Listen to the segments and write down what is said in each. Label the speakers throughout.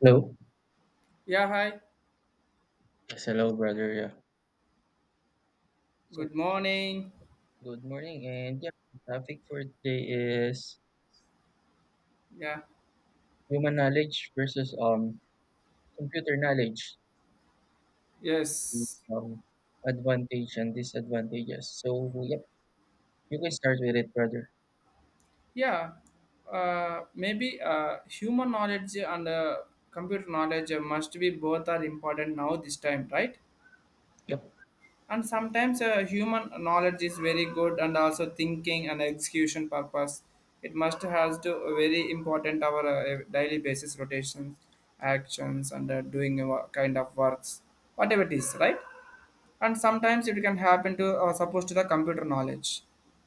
Speaker 1: Hello.
Speaker 2: Yeah, hi.
Speaker 1: Yes, hello, brother. Yeah. So,
Speaker 2: Good morning.
Speaker 1: Good morning. And yeah, the topic for today is
Speaker 2: Yeah,
Speaker 1: human knowledge versus computer knowledge, the,
Speaker 2: yes.
Speaker 1: um advantage and disadvantages. So, yep, you can start with it, brother.
Speaker 2: Yeah, maybe human knowledge and computer knowledge must be both are important now this time, right?
Speaker 1: Yep.
Speaker 2: And sometimes human knowledge is very good and also thinking and execution purpose. It must has to very important our daily basis rotations, actions and doing kind of works, whatever it is, right? And sometimes it can happen to supposed to the computer knowledge,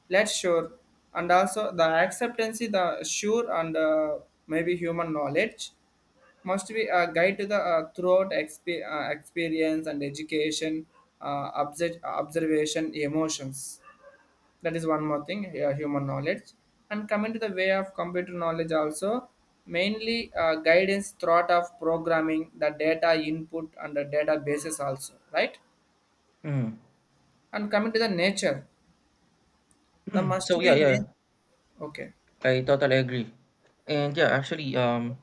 Speaker 2: let's sure, and also the acceptancy the sure and maybe human knowledge must be a guide to the throughout experience and education, observation emotions. That is one more thing, yeah, human knowledge. And coming to the way of computer knowledge also, mainly guidance thought of programming the data input and the databases also, right?
Speaker 1: Mm.
Speaker 2: And coming to the nature, there must
Speaker 1: So yeah,
Speaker 2: be
Speaker 1: yeah,
Speaker 2: okay.
Speaker 1: I totally agree. And yeah,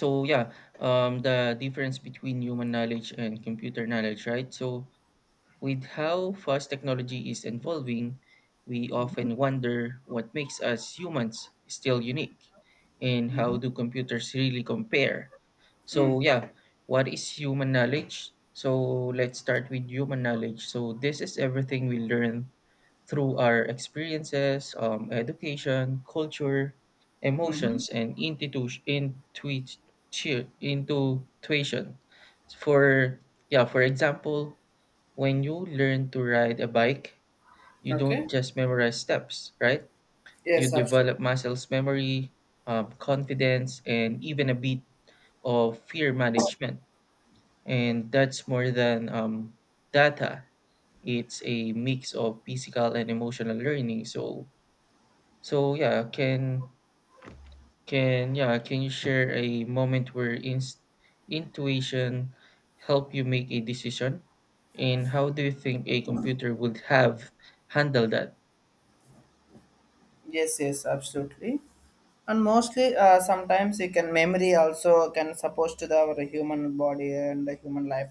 Speaker 1: so yeah, the difference between human knowledge and computer knowledge, right? With how fast technology is evolving, we often wonder what makes us humans still unique and how
Speaker 2: Mm-hmm.
Speaker 1: do computers really compare.
Speaker 2: Mm.
Speaker 1: So, yeah, what is human knowledge? So, let's start with human knowledge. So, this is everything we learn through our experiences, education, culture,
Speaker 2: Mm-hmm.
Speaker 1: emotions, and intuition. For yeah, for example, when you learn to ride a bike, you don't
Speaker 2: Okay.
Speaker 1: just memorize steps, right? You
Speaker 2: Yes, absolutely.
Speaker 1: develop muscles memory, confidence, and even a bit of fear management. And that's more than data. It's a mix of physical and emotional learning. So can you share a moment where inst intuition helped you make a decision? And how do you think a computer would have handled that?
Speaker 2: Yes, yes, absolutely. And mostly, sometimes you can memory also can suppose to the our human body and the human life.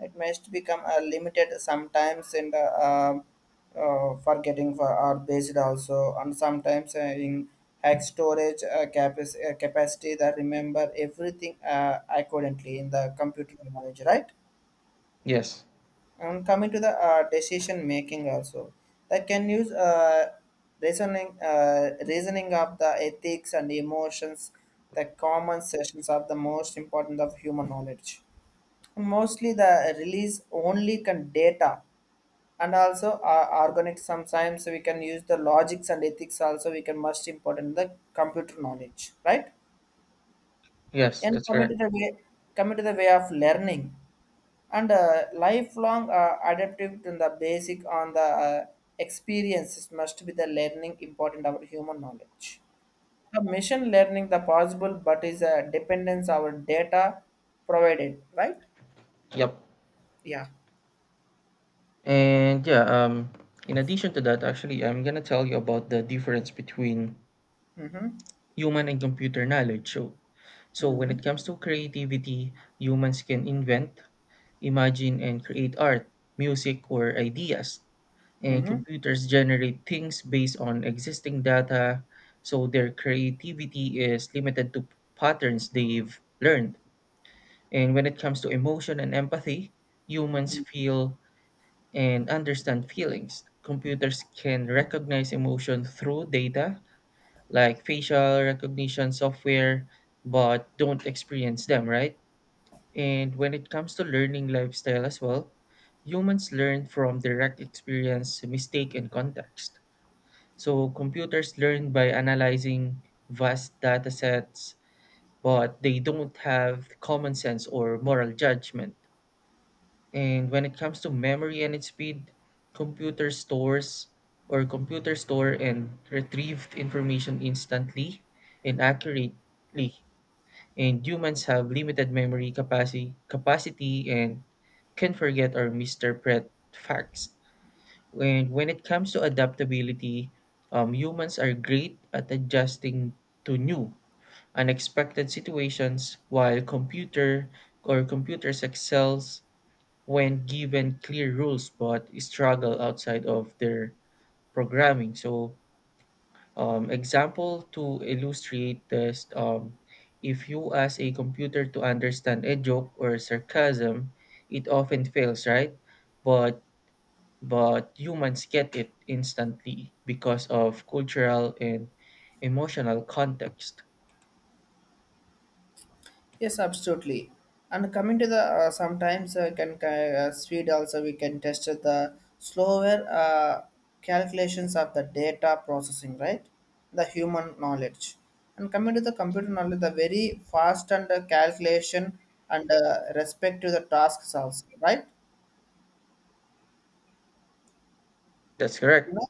Speaker 2: It must become limited sometimes in the forgetting for or based also, and sometimes in hack storage capacity that remember everything accordingly in the computer knowledge, right?
Speaker 1: Yes.
Speaker 2: And coming to the decision making also, that can use reasoning of the ethics and emotions, the common sessions are the most important of human knowledge. Mostly the release only can data, and also organic sometimes we can use the logics and ethics also, we can most important the computer knowledge, right?
Speaker 1: Yes,
Speaker 2: And
Speaker 1: that's correct.
Speaker 2: coming to the way of learning and lifelong adaptive to the basic on the experiences must be the learning important our human knowledge. The machine learning the possible but is a dependence our data provided, right?
Speaker 1: Yep.
Speaker 2: Yeah.
Speaker 1: And yeah, in addition to that, actually I'm gonna tell you about the difference between
Speaker 2: Mm-hmm.
Speaker 1: human and computer knowledge. So when it
Speaker 2: Mm-hmm.
Speaker 1: comes to creativity, humans can invent, imagine and create art, music or ideas. And
Speaker 2: Mm-hmm.
Speaker 1: computers generate things based on existing data, so their creativity is limited to patterns they've learned. And when it comes to emotion and empathy, humans feel and understand feelings. Computers can recognize emotion through data like facial recognition software, but don't experience them, right? And when it comes to learning lifestyle as well, humans learn from direct experience, mistake, and context. So computers learn by analyzing vast data sets, but they don't have common sense or moral judgment. And when it comes to memory and its speed, computer stores computer store and retrieve information instantly and accurately. And humans have limited memory capacity and can forget or misinterpret facts when it comes to adaptability, humans are great at adjusting to new, unexpected situations, while computers excels when given clear rules but struggle outside of their programming. So, example to illustrate this, if you ask a computer to understand a joke or sarcasm, it often fails, right? But but humans get it instantly because of cultural and emotional context.
Speaker 2: Yes, absolutely. And coming to the sometimes speed also we can test the slower calculations of the data processing, right? The human knowledge. And coming to the computer knowledge, the very fast and calculation and respect to the tasks also, right?
Speaker 1: That's correct.
Speaker 2: You know,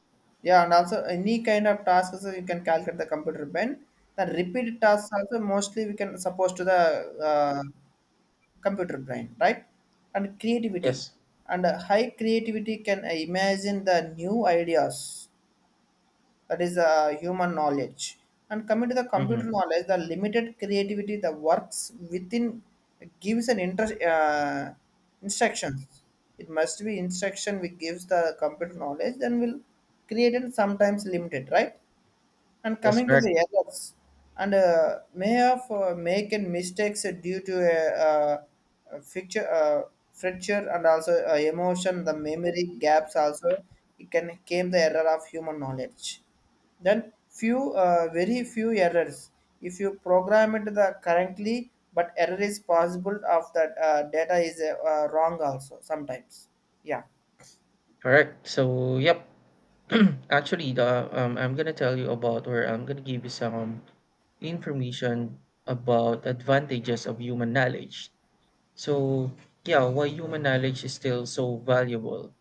Speaker 2: yeah, and also any kind of tasks you can calculate the computer when the repeated tasks also mostly we can suppose to the uh, computer brain, right? And creativity
Speaker 1: Yes.
Speaker 2: and high creativity can imagine the new ideas, that is human knowledge. And coming to the computer
Speaker 1: Mm-hmm.
Speaker 2: knowledge, the limited creativity the works within gives an interest instructions. It must be instruction which gives the computer knowledge, then will create and sometimes limited, right? And
Speaker 1: That's
Speaker 2: coming to
Speaker 1: correct.
Speaker 2: the errors, and may have making mistakes due to a, uh, a fracture, uh, fracture and also emotion, the memory gaps also, it can came the error of human knowledge. Then few, very few errors. If you program it the correctly, but error is possible of that data is wrong also sometimes. Yeah.
Speaker 1: Correct. So, yep. Actually, the I'm gonna tell you about, or I'm gonna give you some information about advantages of human knowledge. So, yeah, why human knowledge is still so valuable.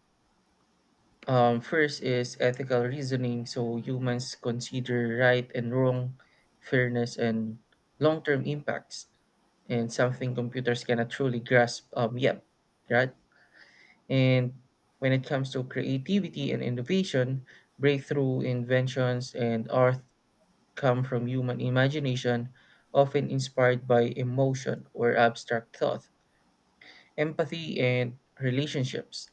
Speaker 1: First is ethical reasoning. So humans consider right and wrong, fairness, and long term impacts, and something computers cannot truly grasp yet, right? And when it comes to creativity and innovation, breakthrough inventions and art come from human imagination, often inspired by emotion or abstract thought, empathy and relationships.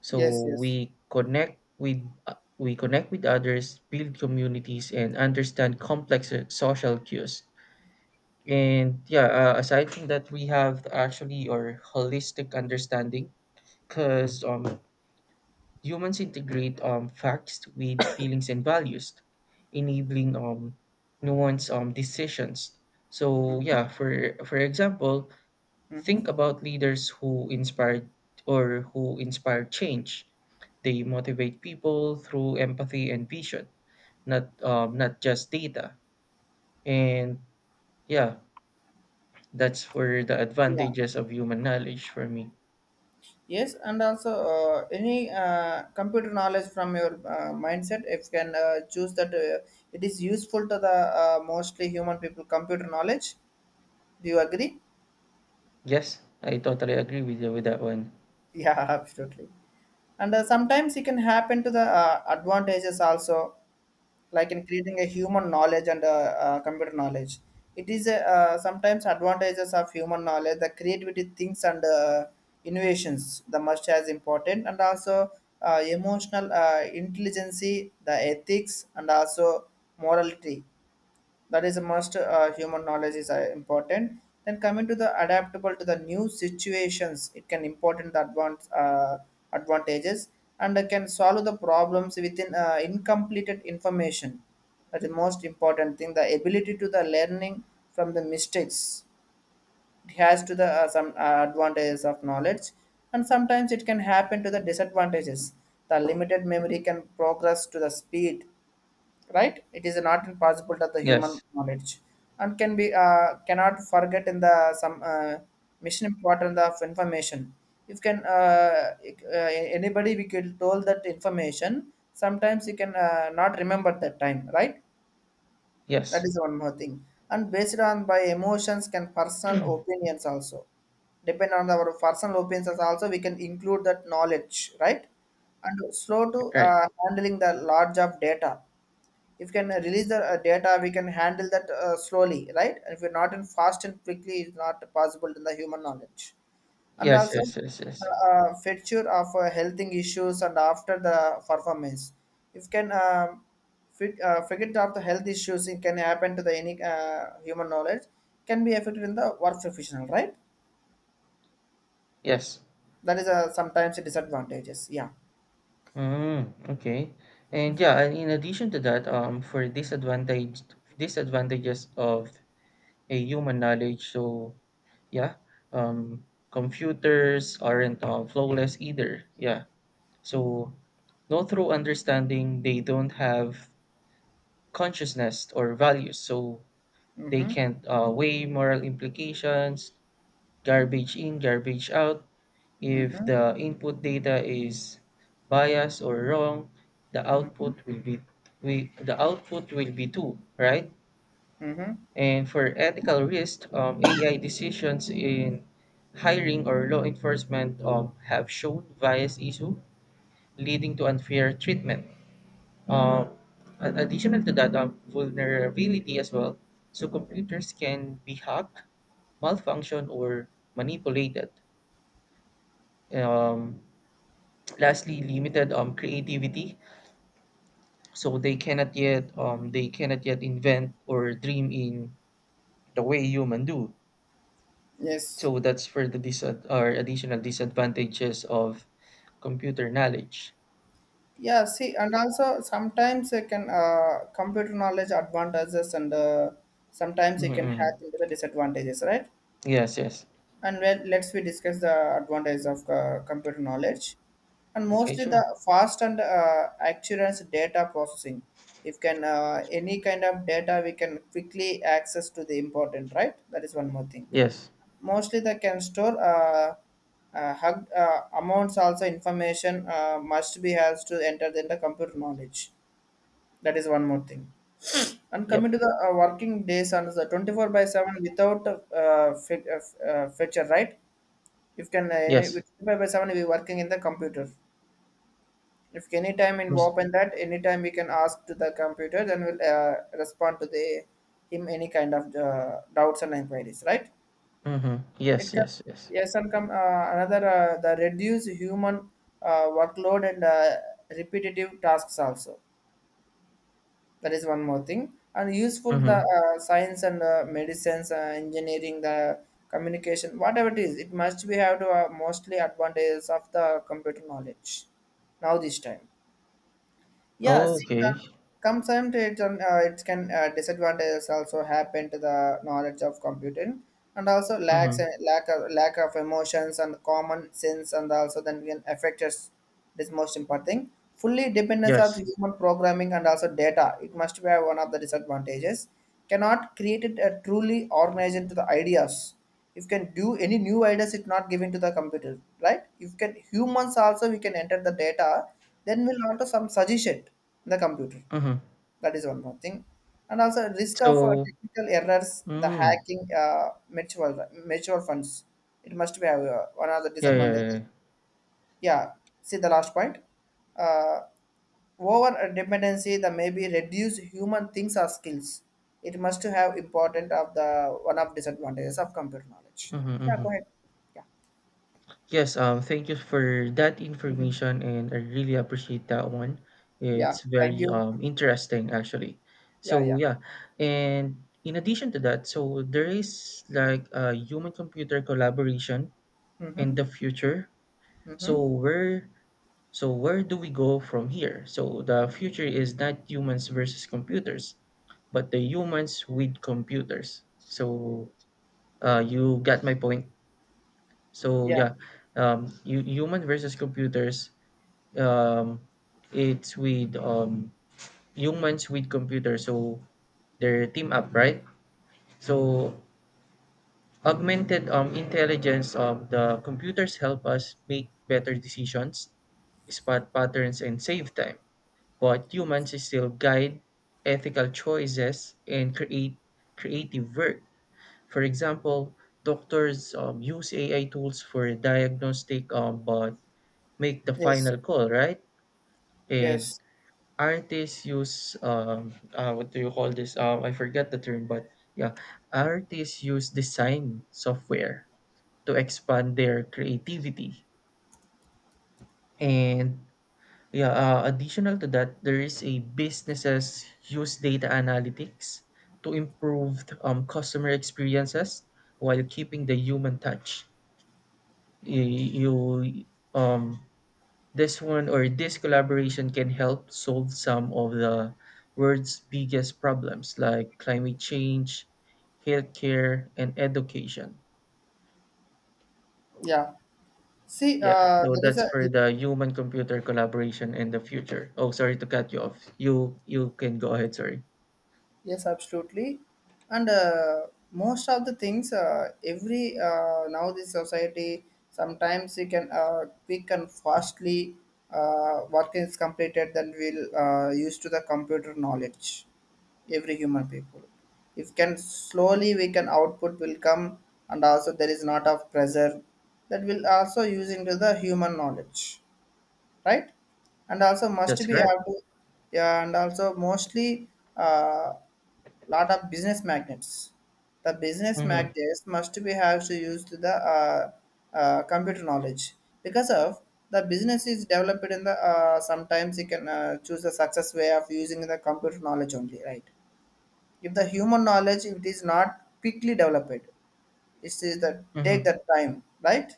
Speaker 1: So
Speaker 2: Yes. Yes.
Speaker 1: we connect with we connect with others, build communities and understand complex social cues. And yeah, aside from that, we have actually our holistic understanding because humans integrate facts with feelings and values, enabling nuanced decisions. So yeah, for example,
Speaker 2: Mm-hmm.
Speaker 1: think about leaders who inspired or who inspire change. They motivate people through empathy and vision, not just data. And yeah, that's where the
Speaker 2: Yeah.
Speaker 1: advantages of human knowledge for me.
Speaker 2: Yes, and also any computer knowledge from your mindset, if you can choose that it is useful to the mostly human people, computer knowledge. Do you agree?
Speaker 1: Yes, I totally agree with you with that one.
Speaker 2: Yeah, absolutely. And sometimes it can happen to the advantages also, like in creating a human knowledge and computer knowledge. It is sometimes advantages of human knowledge, the creativity things and innovations, the must as important, and also emotional intelligence, the ethics, and also morality, that is a must human knowledge is important. Then coming to the adaptable to the new situations, it can important the advance advantages. And can solve the problems within incompleted information, that is most important thing, the ability to the learning from the mistakes. It has to the some advantages of knowledge. And sometimes it can happen to the disadvantages, the limited memory can progress to the speed, right? It is not impossible that the human
Speaker 1: Yes,
Speaker 2: knowledge, and can be cannot forget in the some mission important of information. If can it- Anybody we could told that information sometimes you can not remember that time, right? That
Speaker 1: yes,
Speaker 2: is one more thing, and based on by emotions can personal opinions also. Depend on our personal opinions also, we can include that knowledge, right? And slow to
Speaker 1: right.
Speaker 2: handling the large of data. If we can release the data, we can handle that slowly, right? And if we're not in fast and quickly, it's not possible in the human knowledge. And
Speaker 1: Yes,
Speaker 2: also
Speaker 1: yes, yes, yes,
Speaker 2: feature of health issues and after the performance. If can figure out the health issues, it can happen to the any human knowledge, can be affected in the work professional, right?
Speaker 1: yes.
Speaker 2: That is sometimes a disadvantages. Yeah.
Speaker 1: Mm, okay. And yeah, and in addition to that, for disadvantaged disadvantages of a human knowledge. So yeah, um, computers aren't flawless either. Yeah, so no through understanding, they don't have consciousness or values, so they
Speaker 2: Mm-hmm.
Speaker 1: can't weigh moral implications, garbage in, garbage out. If
Speaker 2: Mm-hmm.
Speaker 1: the input data is biased or wrong, the
Speaker 2: Mm-hmm.
Speaker 1: output will be the output will be too, right?
Speaker 2: Mm-hmm.
Speaker 1: And for ethical risk, AI decisions in hiring or law enforcement have shown bias issue, leading to unfair treatment. Um, Additional to that, vulnerability as well. So computers can be hacked, malfunction, or manipulated. Um, Lastly, limited creativity. So they cannot yet invent or dream in the way human do.
Speaker 2: Yes.
Speaker 1: So that's for the disad or additional disadvantages of computer knowledge.
Speaker 2: Yeah, see, and also sometimes it can computer knowledge advantages and sometimes
Speaker 1: Mhm,
Speaker 2: it can have
Speaker 1: mhm.
Speaker 2: into the disadvantages, right?
Speaker 1: Yes, yes.
Speaker 2: And well, let's we discuss the advantages of computer knowledge, and
Speaker 1: Okay,
Speaker 2: mostly the
Speaker 1: sure.
Speaker 2: fast and accurate data processing. If can any kind of data, we can quickly access to the important, right? That is one more thing.
Speaker 1: Yes.
Speaker 2: Mostly they can store amounts also information must be has to enter in the computer knowledge. That is one more thing. And
Speaker 1: Yep.
Speaker 2: coming to the working days and the 24 by 7 without feature, right? If can any,
Speaker 1: Yes.
Speaker 2: with 24 by 7 we working in the computer, if any time in
Speaker 1: Yes.
Speaker 2: open, that any time we can ask to the computer, then we'll respond to the him any kind of doubts and inquiries, right?
Speaker 1: Mm-hmm. Yes,
Speaker 2: It can,
Speaker 1: yes, yes.
Speaker 2: yes. And come another the reduce human workload and repetitive tasks also. That is one more thing. And useful the
Speaker 1: Mm-hmm.
Speaker 2: science and medicines, engineering, the communication, whatever it is, it must be have to mostly advantages of the computer knowledge. Now this time. Yeah, see,
Speaker 1: Okay.
Speaker 2: come sometimes on it can disadvantages also happen to the knowledge of computing, and also lacks
Speaker 1: Mm-hmm.
Speaker 2: lack of emotions and common sense, and also then can affect us. This most important thing. Fully dependence on
Speaker 1: Yes.
Speaker 2: human programming and also data. It must be one of the disadvantages. Cannot create it a truly organized to the ideas. If you can do any new ideas, it not given to the computer, right? If you can humans also, we can enter the data, then we'll onto some suggestion in the computer.
Speaker 1: Mm-hmm.
Speaker 2: That is one more thing. And also risk of
Speaker 1: So,
Speaker 2: technical errors, the
Speaker 1: mm,
Speaker 2: hacking, mutual funds. It must be one of the
Speaker 1: yeah, yeah,
Speaker 2: disadvantages.
Speaker 1: yeah.
Speaker 2: Yeah. See the last point. Uh, Over dependency, the maybe reduce human things or skills. It must have important of the one of disadvantages of computer knowledge.
Speaker 1: Mm-hmm,
Speaker 2: Yeah.
Speaker 1: mm-hmm.
Speaker 2: Go ahead. Yeah.
Speaker 1: Yes, thank you for that information, and I really appreciate that one.
Speaker 2: Yeah.
Speaker 1: It's
Speaker 2: Thank
Speaker 1: very
Speaker 2: you.
Speaker 1: interesting actually.
Speaker 2: Yeah.
Speaker 1: So
Speaker 2: Yeah.
Speaker 1: yeah, and in addition to that, so there is like a human-computer collaboration in
Speaker 2: Mm-hmm.
Speaker 1: the future. So
Speaker 2: Mm-hmm.
Speaker 1: where so where do we go from here? So the future is not humans versus computers, but the humans with computers. So you got my point. So
Speaker 2: Yeah.
Speaker 1: yeah, human versus computers. Um, it's with humans with computers, so they're team up, right? So augmented intelligence of the computers help us make better decisions, spot patterns, and save time. But humans still guide ethical choices and create creative work. For example, doctors use AI tools for diagnostic but make the
Speaker 2: Yes.
Speaker 1: final call, right? And
Speaker 2: Yes.
Speaker 1: artists use what do you call this? I forget the term, but yeah, artists use design software to expand their creativity. And yeah, additional to that, there is a businesses use data analytics to improve customer experiences while keeping the human touch. Y- You um This one or this collaboration can help solve some of the world's biggest problems like climate change, healthcare, and education.
Speaker 2: Yeah. See,
Speaker 1: Yeah, so
Speaker 2: there is
Speaker 1: that's
Speaker 2: a
Speaker 1: for the human computer collaboration in the future. Oh, sorry to cut you off. You can go ahead, sorry.
Speaker 2: yes, absolutely, and most of the things every now this society sometimes we can quick and fastly work is completed, then we'll use to the computer knowledge, every human people. If can slowly, we can output will come, and also there is not of pressure, that will also use into the human knowledge, right? And also must
Speaker 1: That's
Speaker 2: be
Speaker 1: correct.
Speaker 2: have to, yeah, and also mostly uh, lot of business magnets. The business
Speaker 1: Mm-hmm.
Speaker 2: magnets must be have to use to the computer knowledge, because of the business is developed in the sometimes you can choose the success way of using the computer knowledge only, right? If the human knowledge if it is not quickly developed, it is the take
Speaker 1: Mm-hmm.
Speaker 2: that time, right?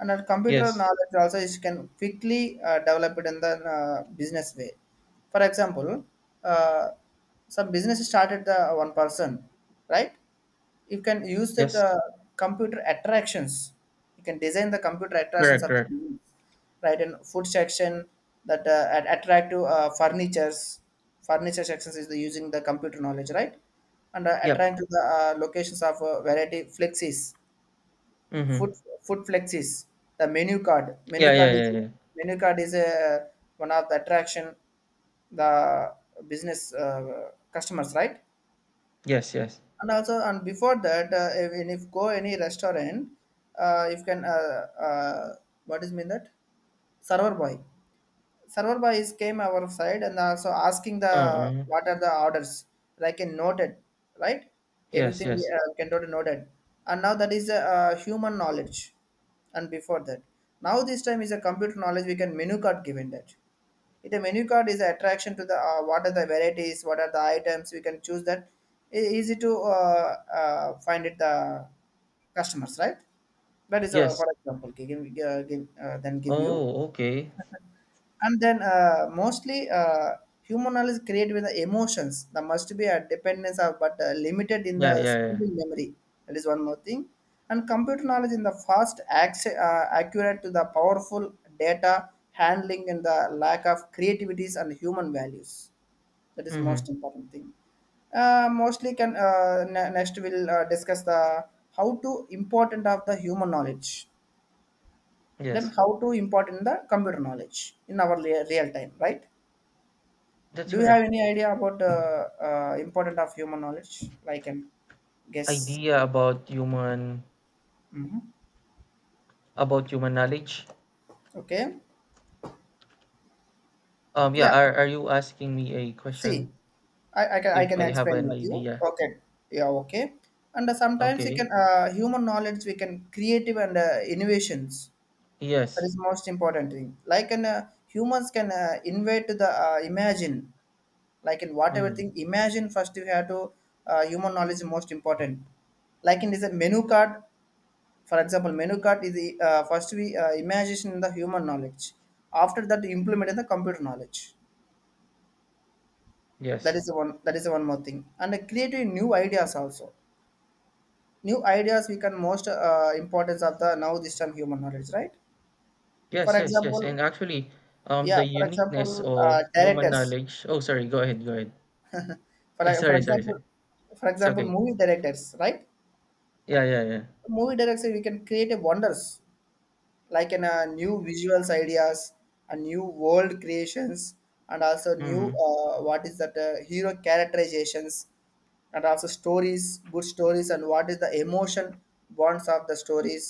Speaker 2: And our computer
Speaker 1: Yes.
Speaker 2: knowledge also is can quickly develop it in the business way. For example, uh, some business started the one person, right? You can use that
Speaker 1: Yes.
Speaker 2: computer attractions. You can design the computer attractions
Speaker 1: Correct,
Speaker 2: of the
Speaker 1: correct.
Speaker 2: business, right? And food section that attractive furniture sections is the using the computer knowledge, right? And
Speaker 1: Yep.
Speaker 2: attract to the locations of variety flexies.
Speaker 1: Mm-hmm.
Speaker 2: Food Food flexes. The menu card. Menu
Speaker 1: Yeah, yeah,
Speaker 2: card is
Speaker 1: yeah, yeah.
Speaker 2: a one of the attraction the business customers, right?
Speaker 1: Yes, yes.
Speaker 2: And also, and if go any restaurant, you can what is mean that server boy server boys came our side and also asking the
Speaker 1: Uh-uh.
Speaker 2: what are the orders, like in noted, right?
Speaker 1: Yes,
Speaker 2: Everything
Speaker 1: yes.
Speaker 2: can noted. And now that is a human knowledge, and before that, now this time is a computer knowledge, we can menu card given that. If the menu card is attraction to the what are the varieties, what are the items we can choose that. Easy to uh, find it the customers, right? That is uh,
Speaker 1: Yes.
Speaker 2: for example gi- give, uh, give, uh, then give you.
Speaker 1: Oh, okay.
Speaker 2: And then mostly human knowledge created with the emotions, there must be a dependence of, but limited in the
Speaker 1: Yeah, yeah, yeah.
Speaker 2: speed memory. That is one more thing. And computer knowledge in the fast accurate to the powerful data handling, and the lack of creativities and human values. That is
Speaker 1: Mm-hmm.
Speaker 2: most important thing. Mostly can next we'll discuss the how to important of the human knowledge, then
Speaker 1: Yes.
Speaker 2: how to important the computer knowledge in our real time, right?
Speaker 1: That's
Speaker 2: Do you
Speaker 1: correct.
Speaker 2: have any idea about the importance of human knowledge? Like, I can guess.
Speaker 1: Idea about human
Speaker 2: Hmm.
Speaker 1: About human knowledge.
Speaker 2: Okay.
Speaker 1: Yeah,
Speaker 2: Yeah.
Speaker 1: are you asking me a
Speaker 2: See,
Speaker 1: question
Speaker 2: I
Speaker 1: if
Speaker 2: can
Speaker 1: I have
Speaker 2: explain
Speaker 1: an
Speaker 2: with you.
Speaker 1: idea?
Speaker 2: Okay. Yeah. Okay. And sometimes we
Speaker 1: Okay.
Speaker 2: can human knowledge we can creative and innovations. That
Speaker 1: Yes.
Speaker 2: is most important thing. Like an humans can invade to the imagine. Like in whatever
Speaker 1: Mm,
Speaker 2: thing imagine first you have to human knowledge is most important, like in this menu card. For example, menu card is the first we imagination in the human knowledge. After that, implement in the computer knowledge. That
Speaker 1: yes.
Speaker 2: is the one. That is the one more thing. And creating new ideas also. New ideas we can most importance of the now this time human knowledge, right? For
Speaker 1: Yes, yes, yes.
Speaker 2: example,
Speaker 1: And actually,
Speaker 2: yeah.
Speaker 1: the
Speaker 2: For
Speaker 1: uniqueness
Speaker 2: example,
Speaker 1: of human
Speaker 2: directors.
Speaker 1: knowledge. Oh, sorry. Go ahead. Go ahead.
Speaker 2: For for
Speaker 1: sorry, sorry,
Speaker 2: example,
Speaker 1: sorry.
Speaker 2: for
Speaker 1: It's
Speaker 2: example,
Speaker 1: okay.
Speaker 2: movie directors, right?
Speaker 1: Yeah, yeah, yeah.
Speaker 2: Movie directors we can create a wonders, like in new visuals ideas, and new world creations, and also new
Speaker 1: Mm,
Speaker 2: what is that hero characterizations, and also stories, good stories, and what is the emotion bonds of the stories.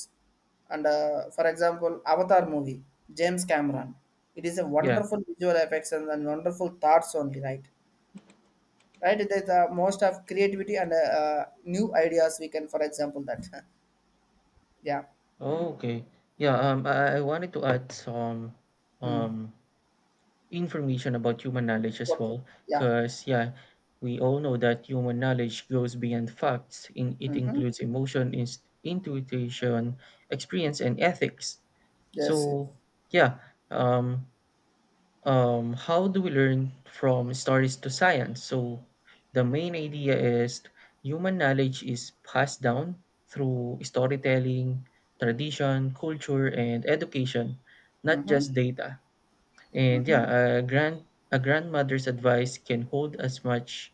Speaker 2: And for example, avatar movie, james cameron, it is a
Speaker 1: yeah.
Speaker 2: wonderful visual effects, and wonderful thoughts only, right? Right, there's the most of creativity and new ideas we can, for example, that yeah.
Speaker 1: Oh, okay. Yeah. I wanted to add some
Speaker 2: Hmm.
Speaker 1: um information about human knowledge as
Speaker 2: Okay.
Speaker 1: well,
Speaker 2: Yeah.
Speaker 1: because yeah, we all know that human knowledge goes beyond facts. In it
Speaker 2: Mm-hmm.
Speaker 1: includes emotion, intuition, experience and ethics.
Speaker 2: Yes, yes.
Speaker 1: So yeah, um, how do we learn from stories to science? So the main idea is human knowledge is passed down through storytelling, tradition, culture and education, not
Speaker 2: Mm-hmm.
Speaker 1: just data. And yeah,
Speaker 2: Mm-hmm.
Speaker 1: a grand a grandmother's advice can hold as much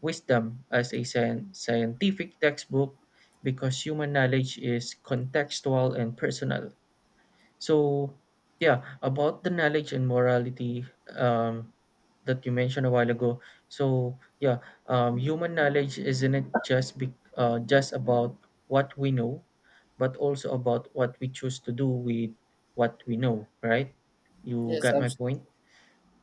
Speaker 1: wisdom as a scientific textbook because human knowledge is contextual and personal. So yeah, about the knowledge and morality um, that you mentioned a while ago. So yeah, human knowledge isn't just be, just about what we know, but also about what we choose to do with what we know, right? You
Speaker 2: Yes,
Speaker 1: got my
Speaker 2: absolutely.
Speaker 1: point.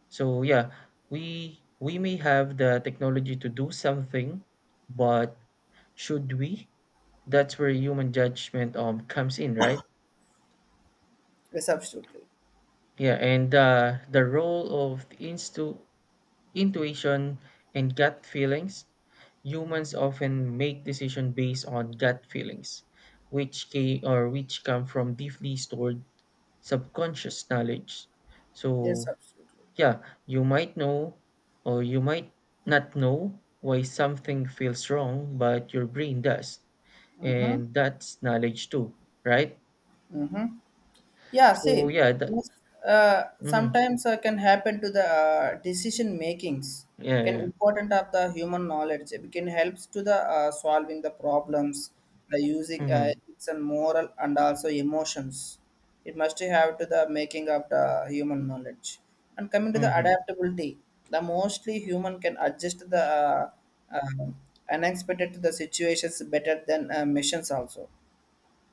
Speaker 1: So yeah, we may have the technology to do something, but should we? That's where human judgment comes in, right?
Speaker 2: Yes, absolutely.
Speaker 1: Yeah, and the role of intuition and gut feelings. Humans often make decisions based on gut feelings, which came, or which come from deeply stored subconscious knowledge.
Speaker 2: Yes,
Speaker 1: So
Speaker 2: absolutely.
Speaker 1: yeah, you might know or you might not know why something feels wrong, but your brain does.
Speaker 2: Mm-hmm.
Speaker 1: And that's knowledge too, right?
Speaker 2: Mm-hmm. Yeah,
Speaker 1: So
Speaker 2: same.
Speaker 1: yeah, that
Speaker 2: Yes,
Speaker 1: mm-hmm.
Speaker 2: sometimes can happen to the decision makings.
Speaker 1: Yeah,
Speaker 2: Can
Speaker 1: yeah.
Speaker 2: important of the human knowledge. It can helps to the solving the problems by using
Speaker 1: Mm-hmm.
Speaker 2: ethics and moral and also emotions. It must have to the making of the human knowledge. And coming to the
Speaker 1: Mm-hmm.
Speaker 2: adaptability, the mostly human can adjust the uh, unexpected to the situations better than missions also.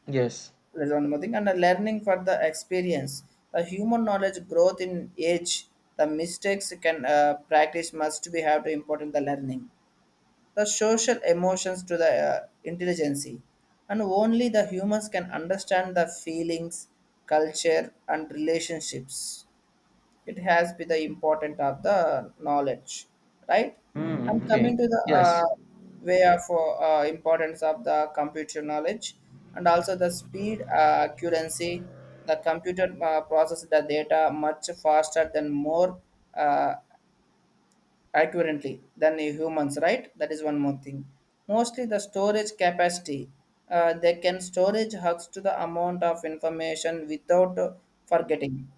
Speaker 1: Yes.
Speaker 2: There's one more thing, and the learning for the experience. The human knowledge growth in age, the mistakes can practice must be have to important the learning. The social emotions to the intelligence, and only the humans can understand the feelings, culture, and relationships. It has been the important of the knowledge, right?
Speaker 1: Mm,
Speaker 2: And
Speaker 1: okay.
Speaker 2: coming to the
Speaker 1: Yes.
Speaker 2: way of importance of the computer knowledge. And also the speed accuracy, the computer processes the data much faster than more uh, accurately than the humans, right? That is one more thing. Mostly the storage capacity, they can storage hugs to the amount of information without forgetting.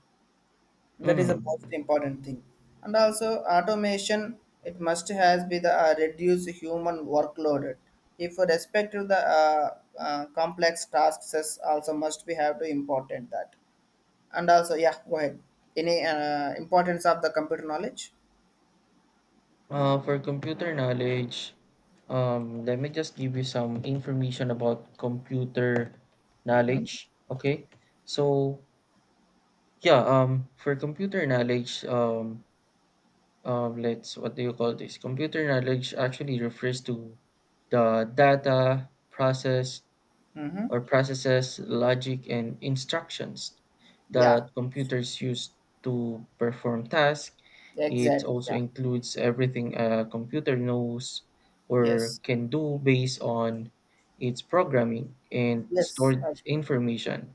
Speaker 2: That is the most
Speaker 1: Mm-hmm.
Speaker 2: important thing. And also automation, it must has be the reduce human workload. If we respect to the complex tasks is also must be have to important that. And also yeah, go ahead, any importance of the computer knowledge.
Speaker 1: For computer knowledge, let me just give you some information about computer knowledge. Okay. So yeah, for computer knowledge, let's what do you call this? Computer knowledge actually refers to the data, process,
Speaker 2: Mm-hmm.
Speaker 1: or processes, logic, and instructions
Speaker 2: Yeah,
Speaker 1: that computers use to perform tasks. It
Speaker 2: exactly,
Speaker 1: also
Speaker 2: yeah.
Speaker 1: includes everything a computer knows or
Speaker 2: Yes,
Speaker 1: can do based on its programming and
Speaker 2: yes,
Speaker 1: stored
Speaker 2: absolutely.
Speaker 1: information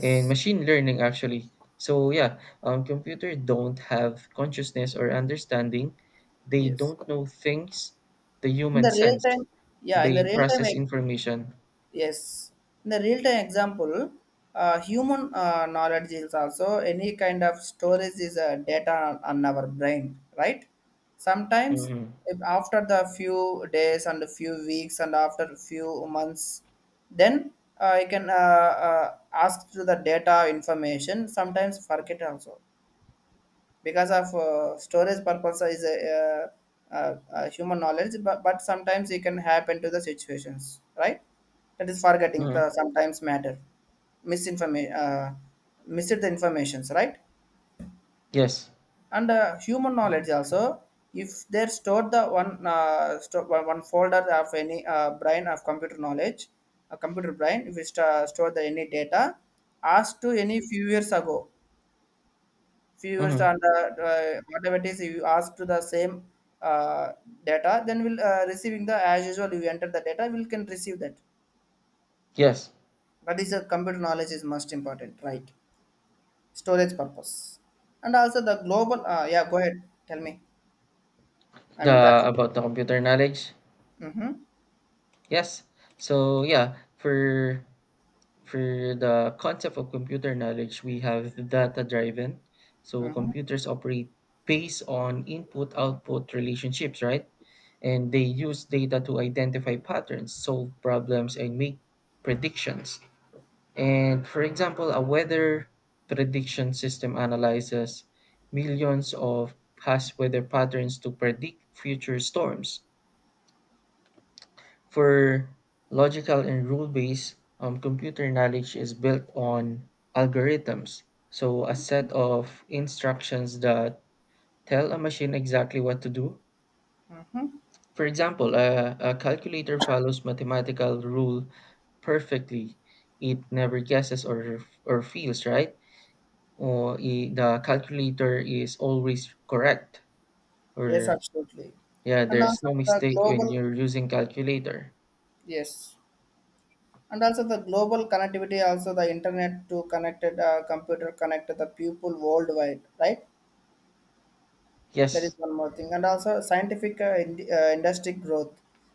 Speaker 1: in machine learning actually. So yeah, computer don't have consciousness or understanding. They
Speaker 2: yes,
Speaker 1: don't know things the
Speaker 2: in
Speaker 1: human
Speaker 2: the real
Speaker 1: sense.
Speaker 2: time. Yeah, in
Speaker 1: They
Speaker 2: the real time.
Speaker 1: process information.
Speaker 2: Yes, in the real-time example, human knowledge is also any kind of storage is a data on our brain, right? Sometimes
Speaker 1: Mm-hmm.
Speaker 2: if after the few days and a few weeks and after few months, then I can ask to the data information. Sometimes forget also because of storage purpose is a, human knowledge, but sometimes it can happen to the situations, right? That is forgetting
Speaker 1: Mm-hmm.
Speaker 2: the sometimes matter, misinformation, missed the informations, right?
Speaker 1: Yes.
Speaker 2: And human knowledge also, if they stored the one one folder of any brain of computer knowledge, a computer brain, if we store the any data, asked to any few years ago viewers
Speaker 1: Mm-hmm.
Speaker 2: and the whatever it is you ask to the same uh, data, then we'll receiving the as usual you enter the data we can receive that.
Speaker 1: Yes.
Speaker 2: That is a computer knowledge is most important, right? Storage purpose. And also the global yeah, go ahead, tell me, I'm
Speaker 1: The
Speaker 2: interested.
Speaker 1: About the computer knowledge.
Speaker 2: Mm-hmm,
Speaker 1: Yes. So yeah, for the concept of computer knowledge, we have data driven. So
Speaker 2: mm-hmm,
Speaker 1: computers operate based on input output relationships, right? And they use data to identify patterns, solve problems, and make predictions. And for example, a weather prediction system analyzes millions of past weather patterns to predict future storms. For logical and rule based, computer knowledge is built on algorithms. So, a set of instructions that tell a machine exactly what to do.
Speaker 2: mm-hmm.
Speaker 1: For example, a calculator follows mathematical rule perfectly. It never guesses or feels, right? The calculator is always correct.
Speaker 2: Yes,
Speaker 1: Or,
Speaker 2: absolutely.
Speaker 1: yeah,
Speaker 2: And
Speaker 1: there's
Speaker 2: also
Speaker 1: no
Speaker 2: the
Speaker 1: mistake when
Speaker 2: global,
Speaker 1: you're using calculator.
Speaker 2: yes, and also the global connectivity, also the internet to connected computer connected the people worldwide, right? That
Speaker 1: Yes,
Speaker 2: is one more thing. And also scientific industry growth.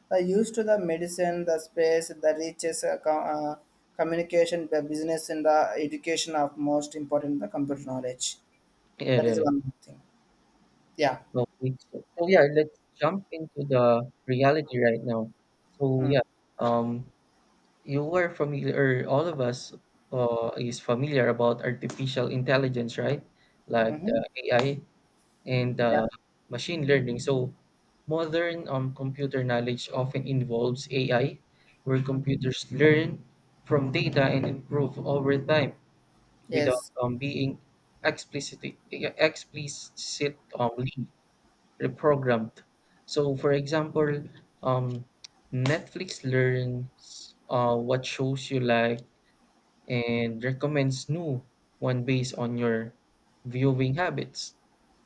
Speaker 2: The use to the medicine, the space, the reaches, communication, the business, and the education of most important the computer knowledge. That is
Speaker 1: uh,
Speaker 2: one more thing. Yeah.
Speaker 1: okay, so, so yeah, let's jump into the reality right now. So
Speaker 2: Mm.
Speaker 1: yeah, um, you were familiar, all of us is familiar about artificial intelligence, right? Like the
Speaker 2: Hmm.
Speaker 1: AI and
Speaker 2: Yeah.
Speaker 1: machine learning. So modern computer knowledge often involves AI, where computers learn from data and improve over time without
Speaker 2: Yes.
Speaker 1: being explicit explicitly reprogrammed. So, for example, um, Netflix learns what shows you like and recommends new one based on your viewing habits.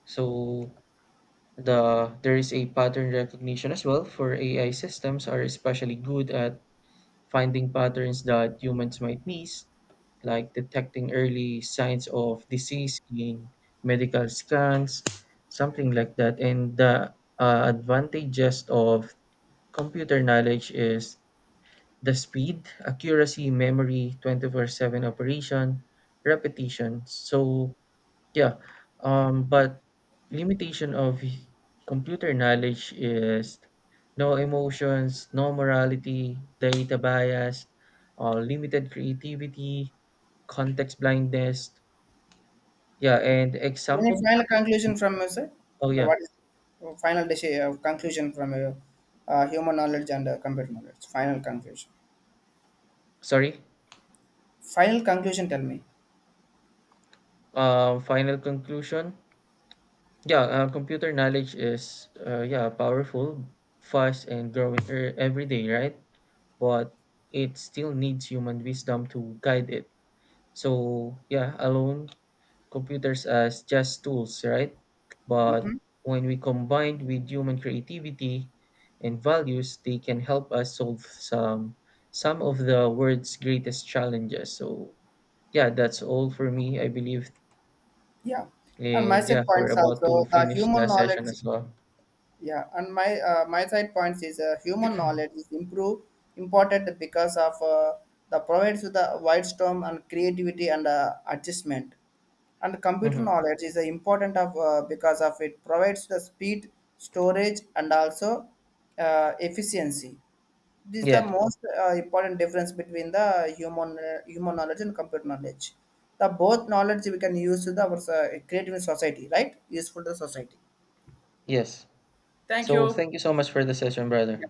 Speaker 1: So there is a pattern recognition as well, for AI systems are especially good at finding patterns that humans might miss, like detecting early signs of disease in medical scans, something like that. And the advantages of computer knowledge is the speed, accuracy, memory, 24/7 operation, repetition. So, yeah, but limitation of computer knowledge is no emotions, no morality, data bias, limited creativity, context blindness. Yeah, and
Speaker 2: Any
Speaker 1: example.
Speaker 2: final conclusion from you, sir?
Speaker 1: Oh
Speaker 2: No,
Speaker 1: yeah,
Speaker 2: what is, oh, conclusion from you? Human knowledge and computer knowledge. Final conclusion.
Speaker 1: sorry.
Speaker 2: Final conclusion. Tell me.
Speaker 1: Final conclusion. Yeah, computer knowledge is yeah powerful, fast, and growing every day, right? But it still needs human wisdom to guide it. So yeah, alone computers as just tools, right? But
Speaker 2: Mm-hmm.
Speaker 1: when we combine with human creativity and values, they can help us solve some of the world's greatest challenges. So yeah, that's all for me, I believe.
Speaker 2: Yeah, and my
Speaker 1: And yeah,
Speaker 2: side
Speaker 1: we're
Speaker 2: points
Speaker 1: about to
Speaker 2: also the
Speaker 1: finish the
Speaker 2: human
Speaker 1: session
Speaker 2: knowledge.
Speaker 1: as well.
Speaker 2: Yeah, and my my side points is human knowledge is improve important because of the provides with the wide storm and creativity and adjustment. And computer
Speaker 1: Hmm.
Speaker 2: knowledge is important of because of it provides the speed, storage, and also efficiency. This is the
Speaker 1: Yeah,
Speaker 2: most important difference between the human knowledge and computer knowledge. The both knowledge we can use to the our creative society, right? Useful to the society.
Speaker 1: yes.
Speaker 2: Thank
Speaker 1: So
Speaker 2: you.
Speaker 1: thank you so much for the session, brother.